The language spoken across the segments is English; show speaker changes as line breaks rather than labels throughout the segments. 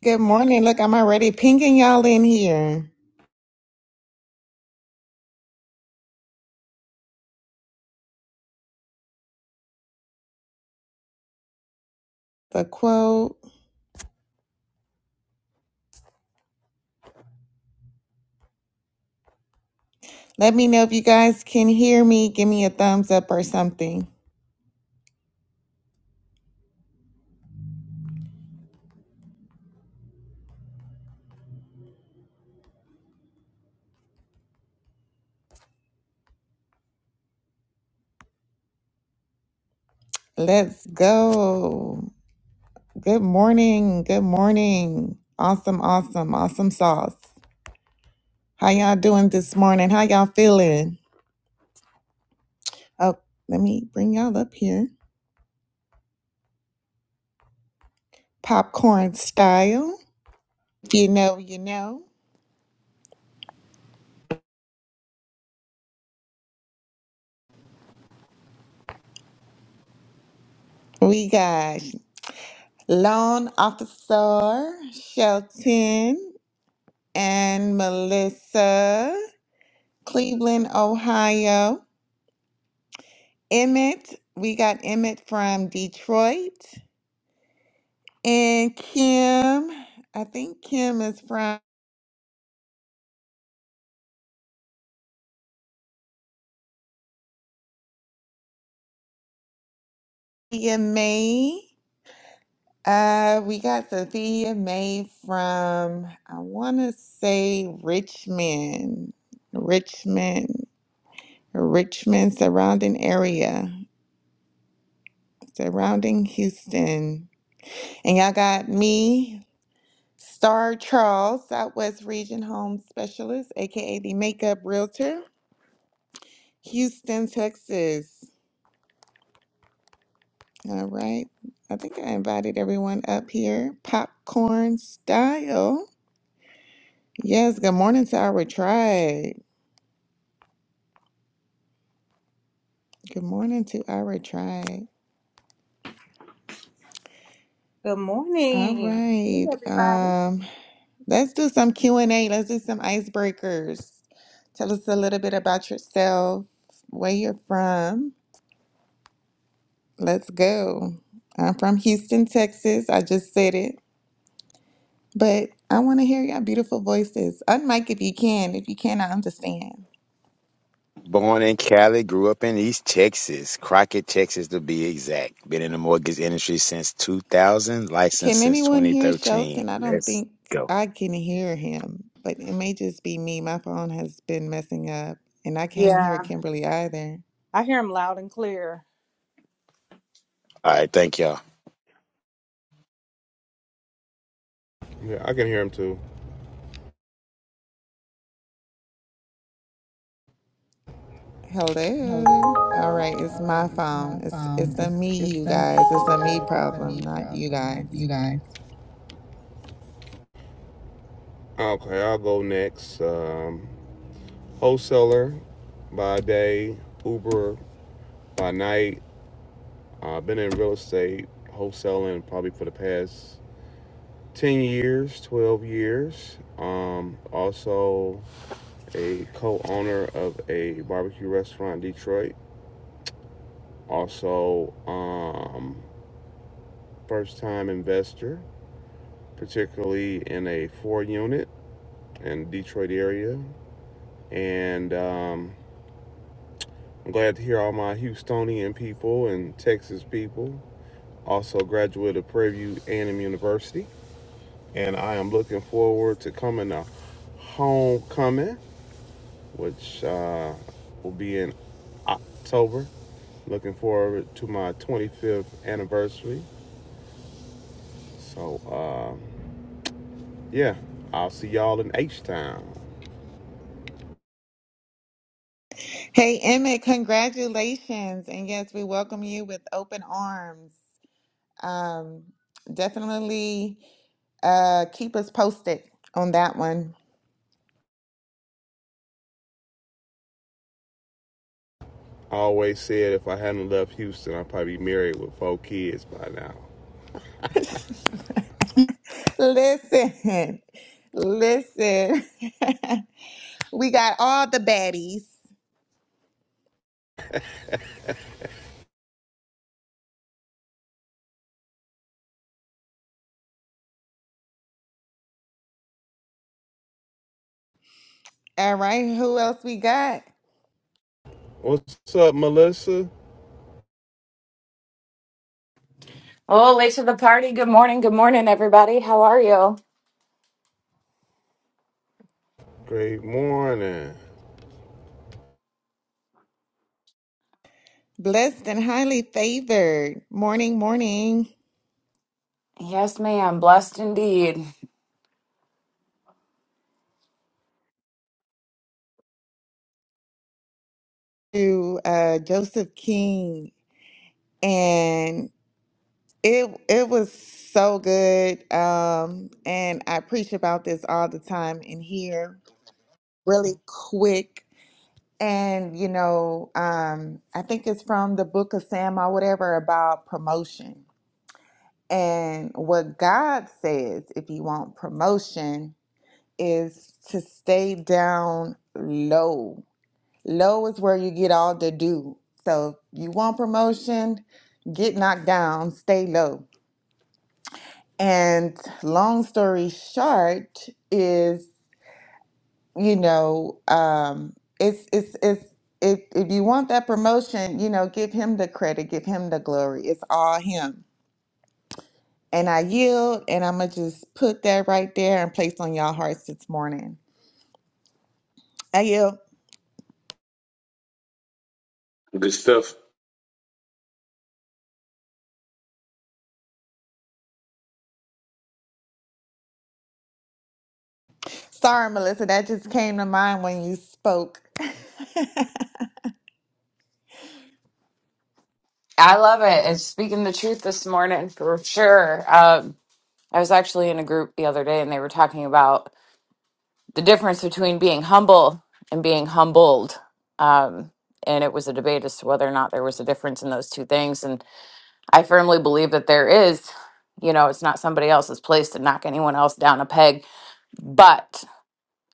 Good morning. Look, I'm already pinging y'all in here. The quote. Let me know if you guys can hear me. Give me a thumbs up or something. Let's go. Good morning. Good morning. Awesome, awesome, awesome sauce. How y'all doing this morning? How y'all feeling? Oh, let me bring y'all up here. Popcorn style. If you know, you know. We got Loan Officer Shelton. and Melissa, Cleveland, Ohio. Emmett, we got Emmett from Detroit. And Kim, I think Kim is from Sophia May. Uh, we got Sophia May from, I want to say Richmond, Richmond, Richmond surrounding area, surrounding Houston. And y'all got me Star Charles, Southwest Region Home Specialist, aka the Makeup Realtor, Houston, Texas. All right. I think I invited everyone up here. Popcorn style. Yes, good morning to our tribe. Good morning to our tribe.
Good
All
morning.
right. Um, let's do some Q&A. Let's do some icebreakers. Tell us a little bit about yourself, where you're from, Let's go. I'm from Houston, Texas. I just said it. But I want to hear your beautiful voices. Unmic if you can. If you can, I understand.
Born in Cali, grew up in East Texas, Crockett, Texas to be exact. Been in the mortgage industry since 2000, licensed
Can
since
anyone hear
2013.
Shelton? I don't
Let's
think
go.
I can hear him, but it may just be me. My phone has been messing up, and I can't hear
Yeah.
Kimberly either.
I hear him loud and clear.
All right, thank y'all.
Yeah, I can hear him too. Hold it.
Hello. All right, it's
All right,
my
it's my
phone. It's
phone.
it's a
It's
me,
it's
you
a me,
guys. It's
you
a me
guys. It's a
problem,
me
not you
problem, not
guys.
you guys. Okay, I'll go next. Um, wholesaler by day, Uber by night. I've uh, been in real estate wholesaling probably for the past 10 years, 12 years. Um, also a co-owner of a barbecue restaurant in Detroit. Also um, first time investor, particularly in a four unit in Detroit area. And um, I'm glad to hear all my Houstonian people and Texas people. Also, graduate of Prairie View A&M University, and I am looking forward to coming to homecoming, which uh, will be in October. Looking forward to my 25th anniversary. So, uh, yeah, I'll see y'all in H Town.
Hey, Emmett, congratulations. And yes, we welcome you with open arms. Um, definitely uh, keep us posted on that one.
I always said if I hadn't left Houston, I'd probably be married with four kids by now.
Listen, listen. we got all the baddies. All right, who else we got?
What's up, Melissa?
Oh, late to the party. Good morning. Good morning, everybody. How are you?
Great morning.
Blessed and highly favored. Morning, morning
Yes, ma'am. Blessed indeed.
to uh, Joseph King. and. It it was so good. Um, and I preach about this all the time in here, really quick. And you know, um, I think it's from the book of Sam or whatever about promotion. And what God says, if you want promotion, is to stay down low. Low is where you get all the do. So if you want promotion, get knocked down, stay low And long story short is, you know, um, it's it's it's if if you want that promotion, you know, give him the credit, give him the glory. It's all him. And I yield, and I'm gonna just put that right there and place on y'all hearts this morning. I yield.
Good stuff.
Sorry, Melissa, that just came to mind when you spoke.
I love it. It's speaking the truth this morning for sure. Um, I was actually in a group the other day and they were talking about the difference between being humble and being humbled. Um, and it was a debate as to whether or not there was a difference in those two things. And I firmly believe that there is. You know, it's not somebody else's place to knock anyone else down a peg. But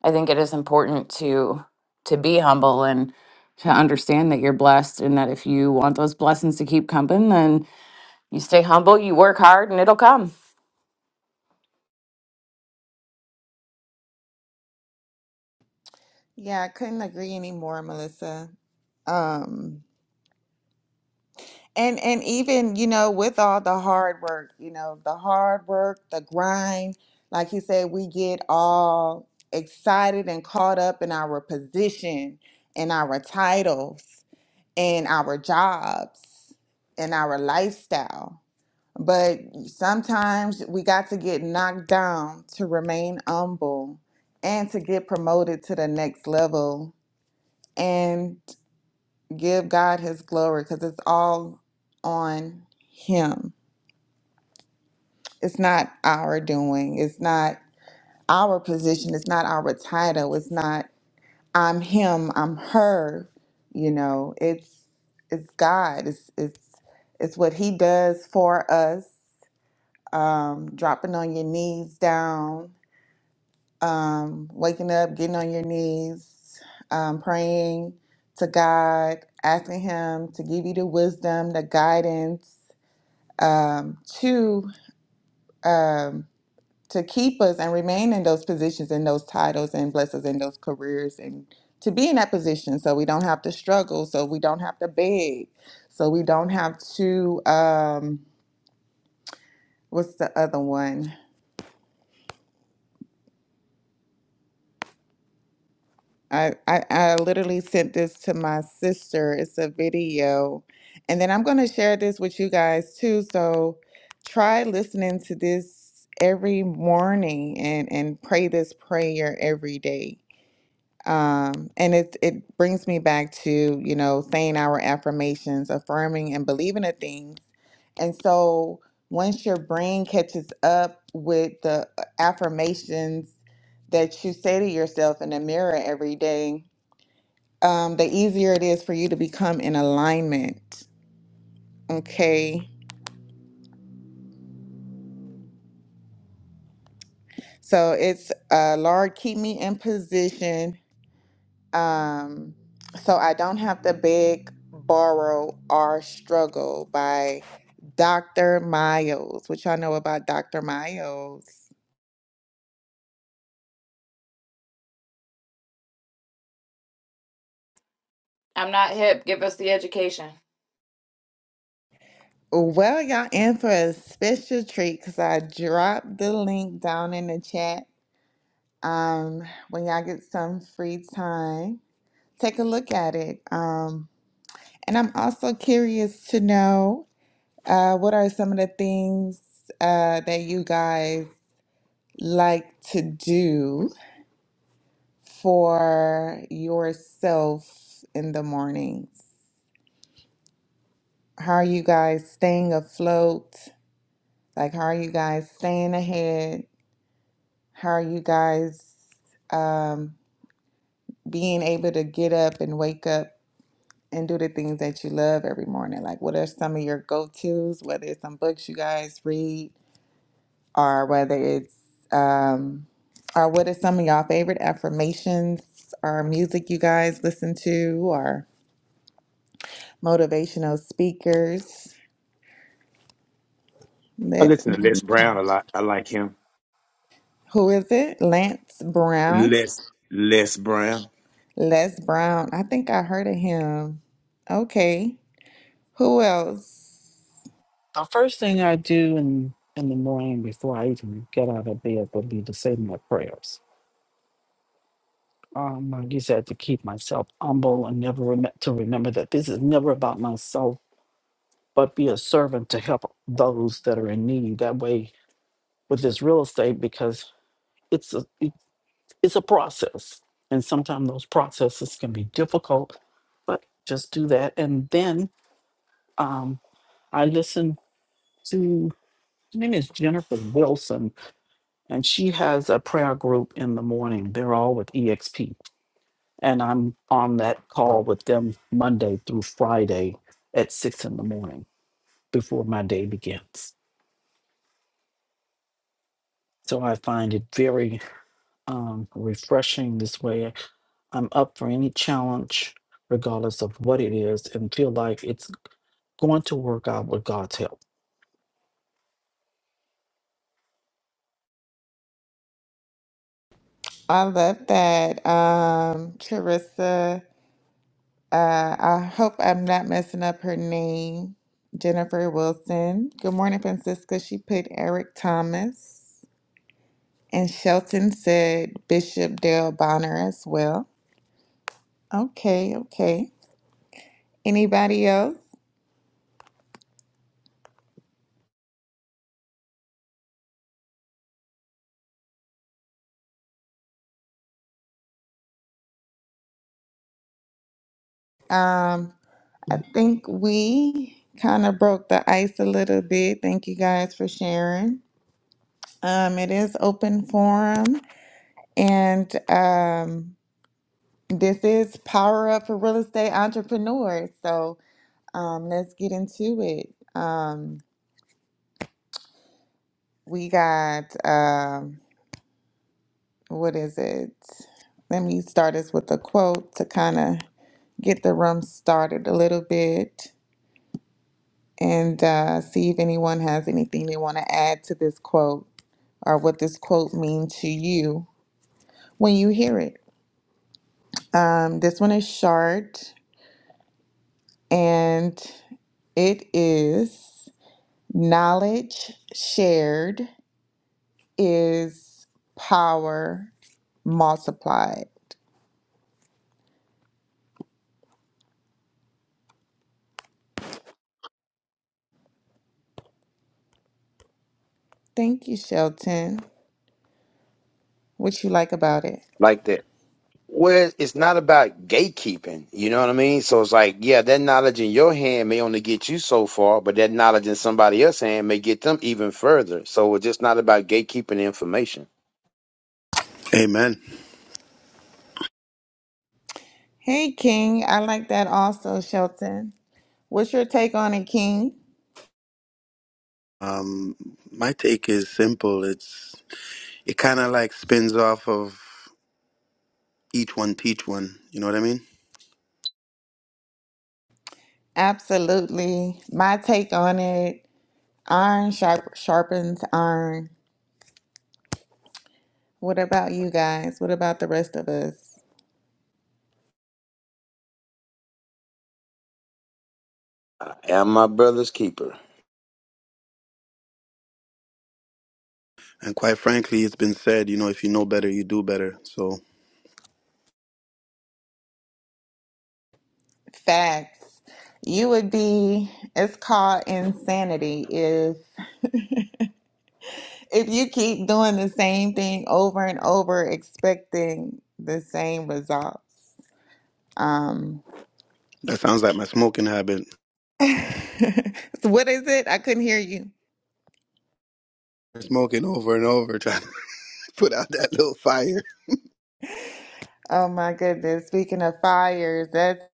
I think it is important to to be humble and to understand that you're blessed and that if you want those blessings to keep coming, then you stay humble, you work hard, and it'll come.
Yeah, I couldn't agree anymore, Melissa. Um, And and even, you know, with all the hard work, you know, the hard work, the grind, like he said, we get all excited and caught up in our position and our titles and our jobs and our lifestyle. But sometimes we got to get knocked down to remain humble and to get promoted to the next level. and give God his glory because it's all on him. It's not our doing. It's not our position. It's not our title. It's not I'm him, I'm her. You know, it's it's God. It's it's it's what he does for us. Um, dropping on your knees down, um, waking up, getting on your knees, um, praying to God, asking him to give you the wisdom, the guidance, um, to um, to keep us and remain in those positions and those titles and bless us in those careers and to be in that position so we don't have to struggle so we don't have to beg so we don't have to um, what's the other one I, I i literally sent this to my sister it's a video and then i'm going to share this with you guys too so try listening to this every morning and and pray this prayer every day Um, and it it brings me back to, you know, saying our affirmations, affirming and believing in things. And so once your brain catches up with the uh, affirmations that you say to yourself in the mirror every day, um, the easier it is for you to become in alignment. Okay. So it's uh, Lord, keep me in position Um, so I don't have to beg, borrow, or struggle by Dr. Miles, which y'all know about Dr. Miles.
I'm not hip. Give us the education.
Well, y'all in for a special treat because I dropped the link down in the chat. Um, when y'all get some free time, take a look at it. Um, and I'm also curious to know uh, what are some of the things uh, that you guys like to do for yourself in the mornings? How are you guys staying afloat? Like, how are you guys staying ahead? How are you guys um, being able to get up and wake up and do the things that you love every morning? Like, what are some of your go tos, whether it's some books you guys read or whether it's, um, or what are some of y'all favorite affirmations or music you guys listen to or motivational speakers.
I
Let,
listen to Les Brown a lot. I like him.
who is it? Lance Brown.
Les Les Brown.
Les Brown. I think I heard of him. Okay. Who else?
The first thing I do in in the morning before I even get out of bed would be to say my prayers. Um, like you said, to keep myself humble and never rem- to remember that this is never about myself, but be a servant to help those that are in need. That way, with this real estate, because it's a it- it's a process, and sometimes those processes can be difficult. But just do that, and then um, I listen to. Her name is Jennifer Wilson and she has a prayer group in the morning. They're all with EXP, and I'm on that call with them Monday through Friday at six in the morning before my day begins. So I find it very um, refreshing this way. I'm up for any challenge, regardless of what it is, and feel like it's going to work out with God's help.
I love that. Um, Charissa. Uh, I hope I'm not messing up her name. Jennifer Wilson. Good morning, Francisca. She put Eric Thomas. And Shelton said Bishop Dale Bonner as well. Okay, okay. Anybody else? Um. I think we kind of broke the ice a little bit. Thank you guys for sharing. Um, it is open forum, and um, this is Power Up for Real Estate Entrepreneurs. So um, let's get into it. Um, we got, um, what is it? Let me start us with a quote to kind of get the room started a little bit and uh, see if anyone has anything they want to add to this quote. or what this quote means to you when you hear it. Um, this one is short and it is knowledge shared is power multiplied. Thank you, Shelton. What you like about it?
Like that. Where it's not about gatekeeping, you know what I mean? So it's like, yeah, that knowledge in your hand may only get you so far, but that knowledge in somebody else's hand may get them even further. So it's just not about gatekeeping the information.
Amen.
Hey, King. I like that also, Shelton. What's your take on it, King?
Um, my take is simple. It's it kind of like spins off of each one teach one. You know what I mean?
Absolutely. My take on it iron sharp, sharpens iron. What about you guys? What about the rest of us?
I am my brother's keeper.
And quite frankly, it's been said, you know, if you know better, you do better. So
Facts. You would be, it's called insanity if if you keep doing the same thing over and over expecting the same results. Um
that sounds like my smoking habit.
so what is it? I couldn't hear you.
Smoking over and over, trying to put out that little fire.
Oh my goodness. Speaking of fires, that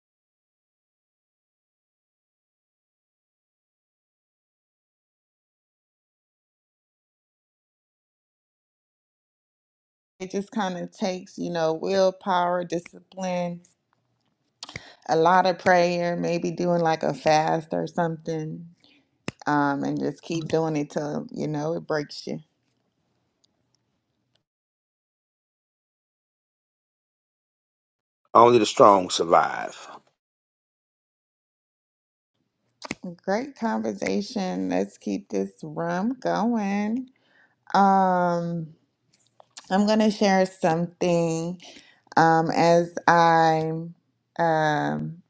it just kind of takes, you know, willpower, discipline, a lot of prayer, maybe doing like a fast or something. um, and just keep doing it till you know it breaks you.
Only the strong survive.
Great conversation. Let's keep this rum going. Um, I'm gonna share something um, as I'm, um,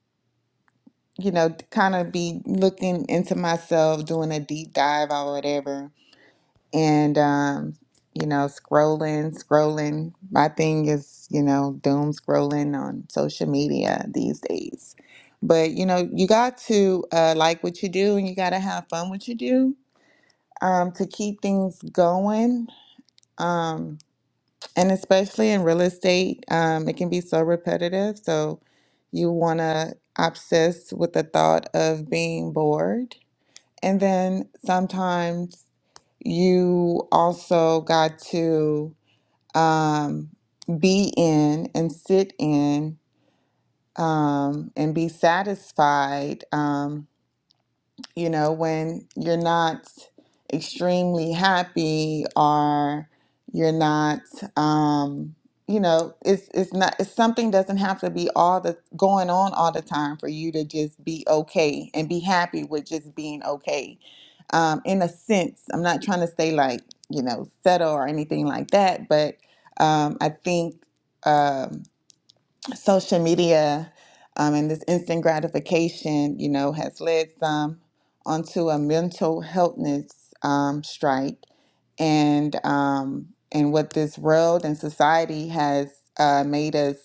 you know, kind of be looking into myself, doing a deep dive or whatever. and um, you know, scrolling, scrolling. My thing is, you know, doom scrolling on social media these days. But you know, you got to uh, like what you do, and you got to have fun what you do um, to keep things going. Um, and especially in real estate, um, it can be so repetitive. So you want to obsess with the thought of being bored, and then sometimes you also got to um, be in and sit in um, and be satisfied. Um, you know, when you're not extremely happy or you're not, um, you know, it's it's not it's something doesn't have to be all the going on all the time for you to just be okay and be happy with just being okay. Um, in a sense, I'm not trying to say like you know settle or anything like that, but um, I think. Um, social media um, and this instant gratification, you know, has led some onto a mental healthness um, strike, and um, and what this world and society has uh, made us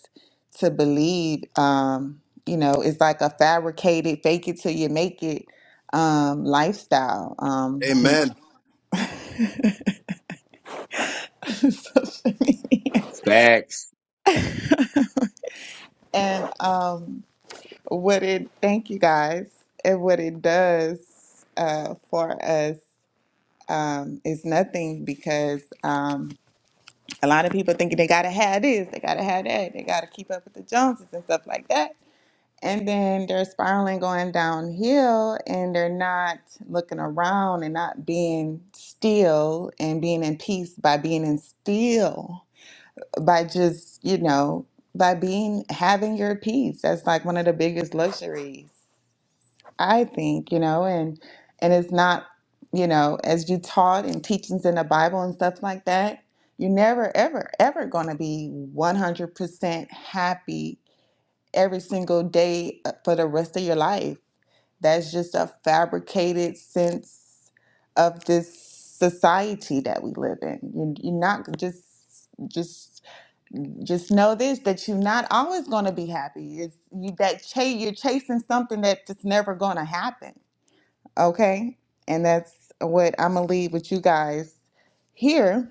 to believe, um, you know, is like a fabricated "fake it till you make it" um, lifestyle. Um, you know,
Amen.
social media.
Facts.
and um, what it thank you guys and what it does uh, for us um, is nothing because um, a lot of people thinking they gotta have this they gotta have that they gotta keep up with the joneses and stuff like that and then they're spiraling going downhill and they're not looking around and not being still and being in peace by being in still by just you know by being having your peace that's like one of the biggest luxuries I think, you know, and and it's not, you know, as you taught and teachings in the Bible and stuff like that, you're never ever ever going to be 100% happy every single day uh, for the rest of your life. That's just a fabricated sense of this society that we live in. You you're not just just just know this that you're not always going to be happy. It's you that cha- you're chasing something that's just never going to happen Okay. And that's what I'm going to leave with you guys here.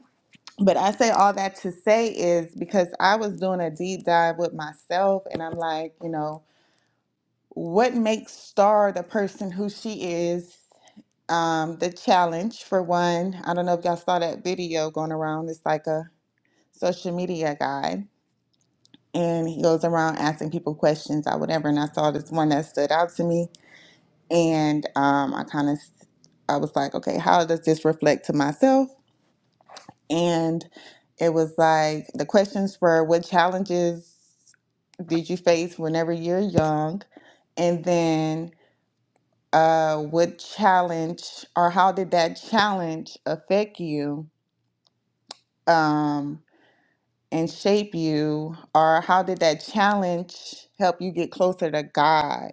But I say all that to say is because I was doing a deep dive with myself and I'm like, you know, what makes Star the person who she is? Um, the challenge for one. I don't know if y'all saw that video going around. It's like a social media guy. And he goes around asking people questions or whatever. And I saw this one that stood out to me and um, I kind of I was like, okay, how does this reflect to myself? And it was like the questions were, what challenges did you face whenever you're young, and then uh, what challenge or how did that challenge affect you um, and shape you, or how did that challenge help you get closer to God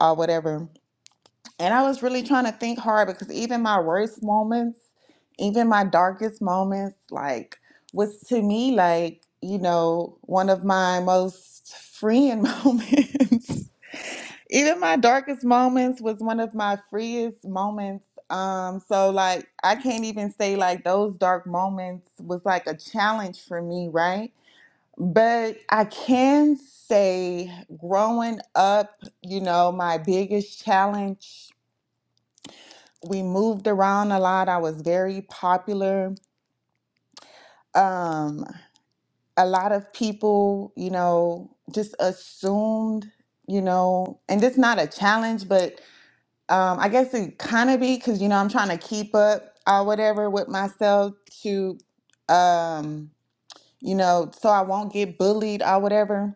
or whatever? And I was really trying to think hard because even my worst moments, even my darkest moments, like was to me like, you know, one of my most freeing moments. even my darkest moments was one of my freest moments. Um, so like I can't even say like those dark moments was like a challenge for me, right? But I can say growing up, you know, my biggest challenge we moved around a lot. I was very popular. Um, a lot of people, you know, just assumed, you know, and it's not a challenge, but um, I guess it kind of be because, you know, I'm trying to keep up or whatever with myself to, um, you know, so I won't get bullied or whatever.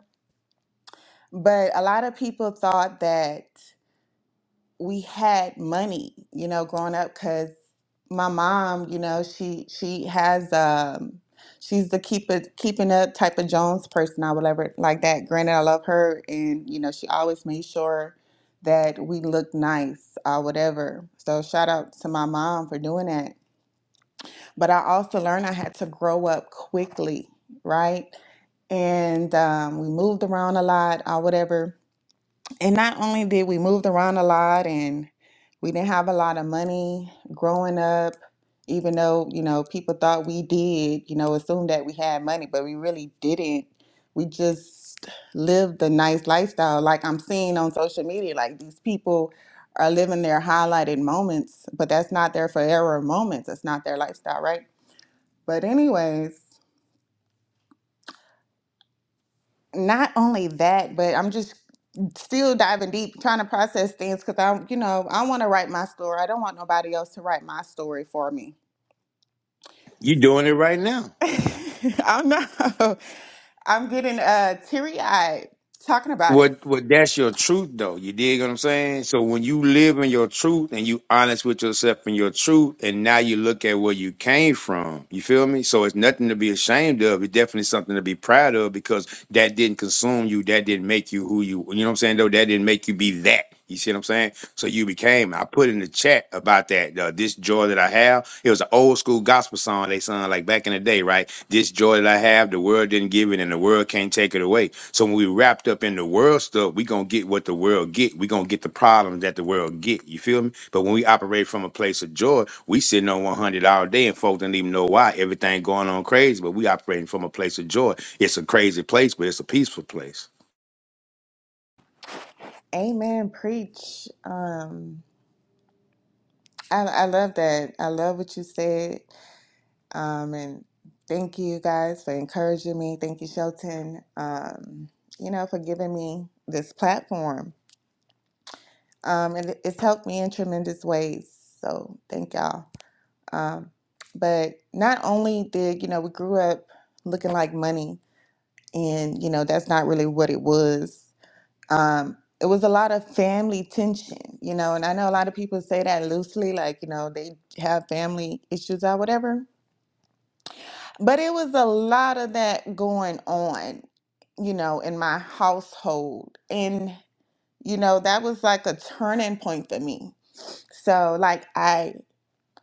But a lot of people thought that. we had money, you know, growing up because my mom, you know, she she has um she's the keep it keeping up type of Jones person or whatever like that. Granted, I love her and you know, she always made sure that we looked nice or whatever. So shout out to my mom for doing that. But I also learned I had to grow up quickly, right? And um, we moved around a lot or whatever and not only did we moved around a lot and we didn't have a lot of money growing up, even though, you know, people thought we did, you know, assumed that we had money, but we really didn't. We just lived the nice lifestyle. Like I'm seeing on social media, like these people are living their highlighted moments, but that's not their forever moments. It's not their lifestyle, right? But anyways, not only that, but I'm just still diving deep, trying to process things because I'm, you know, I want to write my story. I don't want nobody else to write my story for me.
You doing it right now.
I know. I'm getting uh, teary eyed talking about it.
What what that's your truth though. You dig what I'm saying? So when you live in your truth and you honest with yourself in your truth, and now you look at where you came from, you feel me? So it's nothing to be ashamed of. It's definitely something to be proud of because that didn't consume you, that didn't make you who you you know what I'm saying, though, that didn't make you be that. You see what I'm saying? So you became. I put in the chat about that. Uh, this joy that I have. It was an old school gospel song they sung like back in the day, right? This joy that I have, the world didn't give it, and the world can't take it away so when we wrapped up in the world stuff, we gonna get what the world get. We gonna get the problems that the world get. You feel me? But when we operate from a place of joy, we sitting on 100 all day, and folks don't even know why everything going on crazy. But we operating from a place of joy. It's a crazy place, but it's a peaceful place.
Amen. Preach. Um, I, I love that. I love what you said. Um, and thank you guys for encouraging me. Thank you, Shelton, um, you know, for giving me this platform. Um, and it- it's helped me in tremendous ways. So thank y'all. Um, but not only did, you know, we grew up looking like money, and, you know, that's not really what it was. Um, it was a lot of family tension, you know, and I know a lot of people say that loosely, like, you know, they have family issues or whatever. But it was a lot of that going on, you know, in my household. And, you know, that was like a turning point for me. So, like, I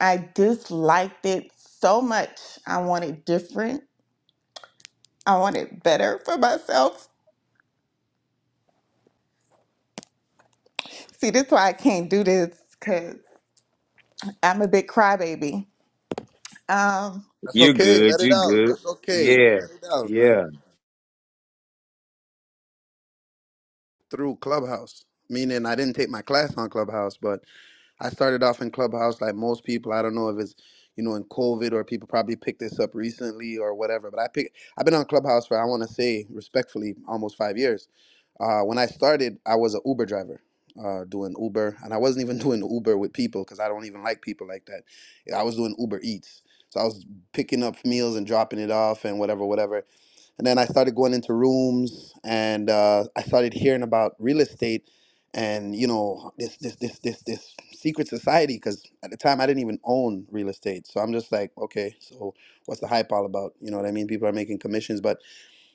I disliked it so much. I want it different. I want it better for myself. See, that's why I can't do this because I'm a big crybaby. Um,
That's
You
okay.
good,
Let it
you
out.
good.
That's okay.
Yeah,
Let it out,
yeah.
man. Through Clubhouse, meaning I didn't take my class on Clubhouse, but I started off in Clubhouse like most people. I don't know if it's you know in COVID or people probably picked this up recently or whatever. But I pick I've been on Clubhouse for I want to say respectfully almost five years. Uh, when I started, I was an Uber driver. Uh, doing Uber, and I wasn't even doing Uber with people because I don't even like people like that. I was doing Uber Eats, so I was picking up meals and dropping it off and whatever, whatever. And then I started going into rooms and uh, I started hearing about real estate and you know this this this this this secret society because at the time I didn't even own real estate. So I'm just like, okay, so what's the hype all about? You know what I mean? People are making commissions, but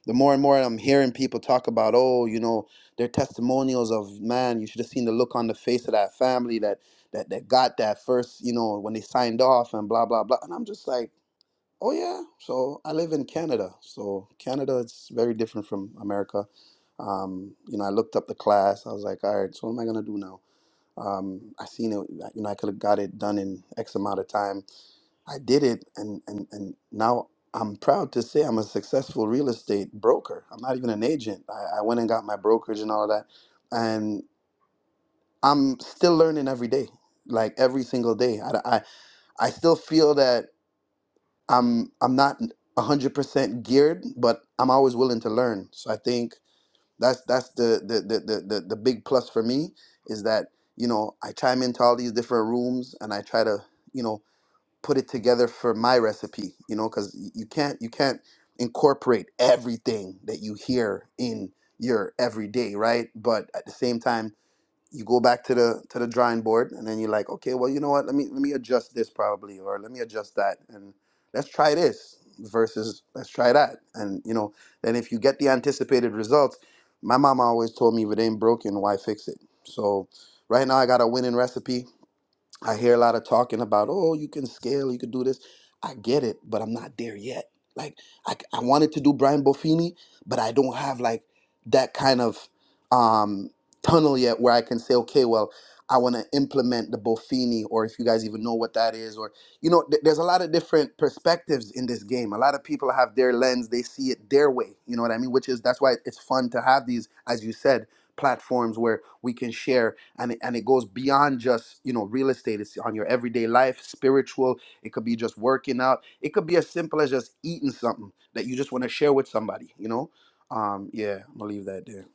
the more and more I'm hearing people talk about, oh, you know, their testimonials of man, you should have seen the look on the face of that family that that that got that first, you know, when they signed off and blah blah blah. And I'm just like Oh yeah. So I live in Canada. So Canada is very different from America. Um, you know, I looked up the class. I was like, all right, so what am I gonna do now? Um, I seen it. You know, I could have got it done in X amount of time. I did it, and and and now I'm proud to say I'm a successful real estate broker. I'm not even an agent. I, I went and got my brokerage and all of that, and I'm still learning every day. Like every single day, I, I I still feel that. I'm I'm not 100% geared, but I'm always willing to learn. So I think that's that's the the the the, the, the big plus for me is that you know I chime into all these different rooms and I try to you know put it together for my recipe. You know, because you can't you can't incorporate everything that you hear in your everyday, right? But at the same time you go back to the to the drawing board and then you're like okay well you know what let me let me adjust this probably or let me adjust that and let's try this versus let's try that and you know then if you get the anticipated results my mama always told me if it ain't broken why fix it so right now i got a winning recipe I hear a lot of talking about, oh, you can scale, you can do this. I get it, but I'm not there yet. Like I I wanted to do Brian Buffini, but I don't have like that kind of um, tunnel yet where I can say, okay, well, I want to implement the Buffini, or if you guys even know what that is, or you know, th- there's a lot of different perspectives in this game. A lot of people have their lens, they see it their way. You know what I mean? Which is that's why it's fun to have these, as you said platforms where we can share and it, and it goes beyond just you know real estate it's on your everyday life spiritual it could be just working out it could be as simple as just eating something that you just want to share with somebody you know um yeah i'm gonna leave that there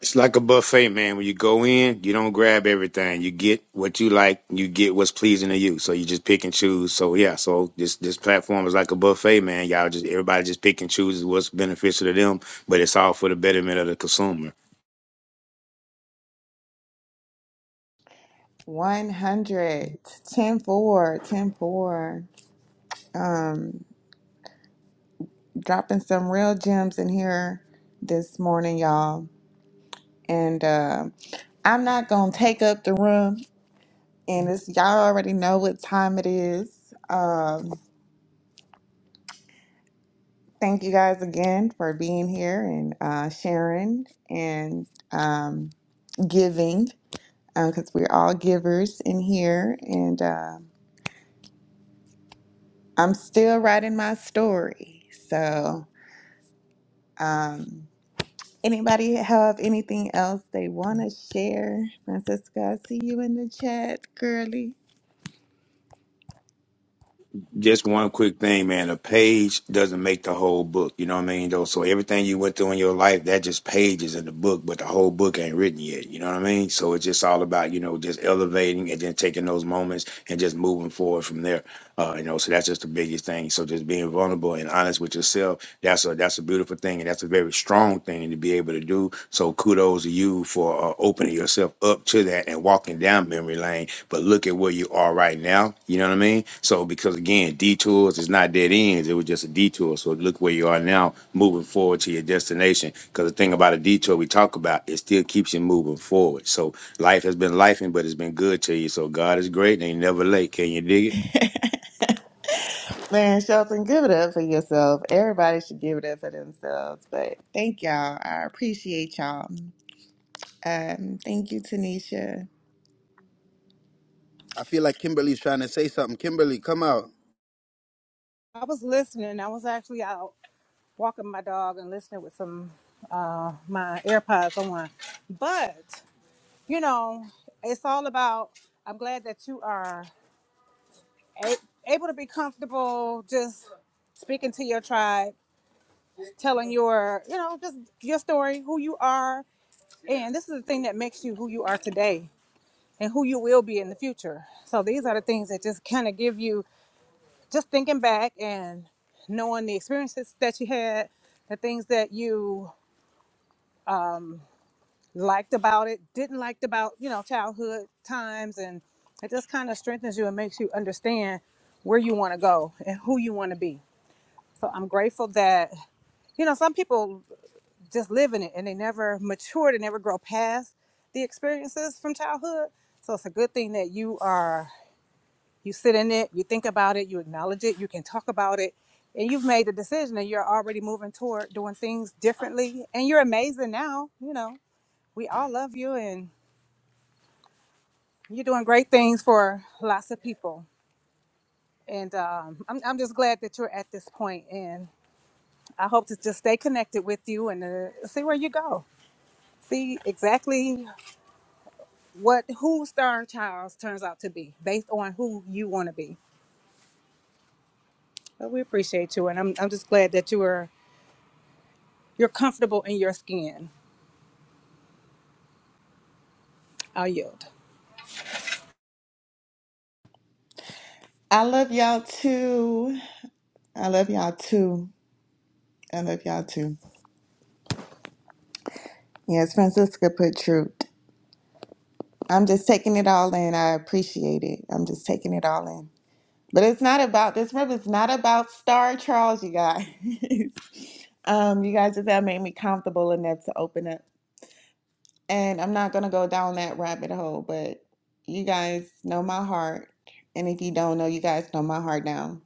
It's like a buffet, man. When you go in, you don't grab everything. You get what you like. You get what's pleasing to you. So you just pick and choose. So yeah. So this this platform is like a buffet, man. Y'all just everybody just pick and chooses what's beneficial to them, but it's all for the betterment of the consumer.
100 10 4 10 4. Um, dropping some real gems in here this morning, y'all. And uh, I'm not going to take up the room. And it's, y'all already know what time it is. Um. Thank you guys again for being here and uh, sharing and um, giving because we're all givers in here. And uh, I'm still writing my story. So, um, anybody have anything else they want to share? Francisca, I see you in the chat, girly.
just one quick thing, man. A page doesn't make the whole book. You know what I mean, though. So everything you went through in your life, that just pages in the book, but the whole book ain't written yet. You know what I mean? So it's just all about you know just elevating and then taking those moments and just moving forward from there. Uh, you know, so that's just the biggest thing. So just being vulnerable and honest with yourself that's a that's a beautiful thing, and that's a very strong thing to be able to do. So kudos to you for uh, opening yourself up to that and walking down memory lane. But look at where you are right now. You know what I mean? So because again, detours is not dead ends; it was just a detour. So look where you are now, moving forward to your destination. Because the thing about a detour we talk about, it still keeps you moving forward. So life has been lifing, but it's been good to you. So God is great, and He never late. Can you dig it?
Man, Shelton, give it up for yourself. Everybody should give it up for themselves. But thank y'all. I appreciate y'all. Um, thank you, Tanisha.
i feel like kimberly's trying to say something kimberly come out
I was listening. I was actually out walking my dog and listening with some uh my AirPods on. But, you know, it's all about I'm glad that you are a- able to be comfortable just speaking to your tribe, telling your, you know, just your story, who you are, and this is the thing that makes you who you are today and who you will be in the future. So these are the things that just kind of give you just thinking back and knowing the experiences that you had, the things that you liked about it, didn't liked about, you know, childhood times and it just kind of strengthens you and makes you understand where you want to go and who you want to be. So I'm grateful that, you know, some people just live in it and they never mature, they never grow past the experiences from childhood. So it's a good thing that you are You sit in it, you think about it, you acknowledge it, you can talk about it, and you've made a decision and you're already moving toward doing things differently. And you're amazing now. You know, we all love you and you're doing great things for lots of people. And um, I'm, I'm just glad that you're at this point. And I hope to just stay connected with you and uh, see where you go. See exactly what who Star Childs turns out to be based on who you want to be. But we appreciate you. And I'm, I'm just glad that you were you're comfortable in your skin. I'll yield.
I love y'all too. I love y'all too. I love y'all too. Yes, Francisca put truth. I'm just taking it all in. I appreciate it. I'm just taking it all in. But it's not about this rib it's not about Star Charles, you guys. um, you guys just have made me comfortable enough to open up. And I'm not gonna go down that rabbit hole, but you guys know my heart. And if you don't know, you guys know my heart now.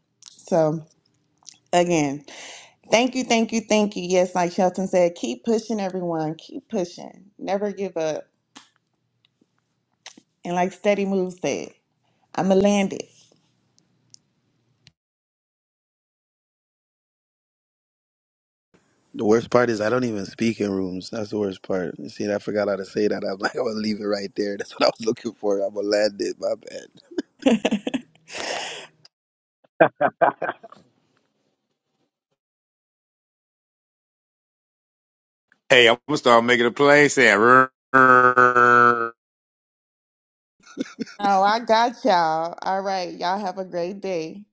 So again. Thank you, thank you, thank you. Yes, like Shelton said, keep pushing everyone. Keep pushing. Never give up. And like Steady Move said, I'ma land it.
The worst part is I don't even speak in rooms. That's the worst part. See, I forgot how to say that. I'm like, I'm gonna leave it right there. That's what I was looking for. I'm gonna land it. My bad.
Hey, I'm gonna start making a play saying. "Rrrr."
Oh, I got y'all. All right. Y'all have a great day.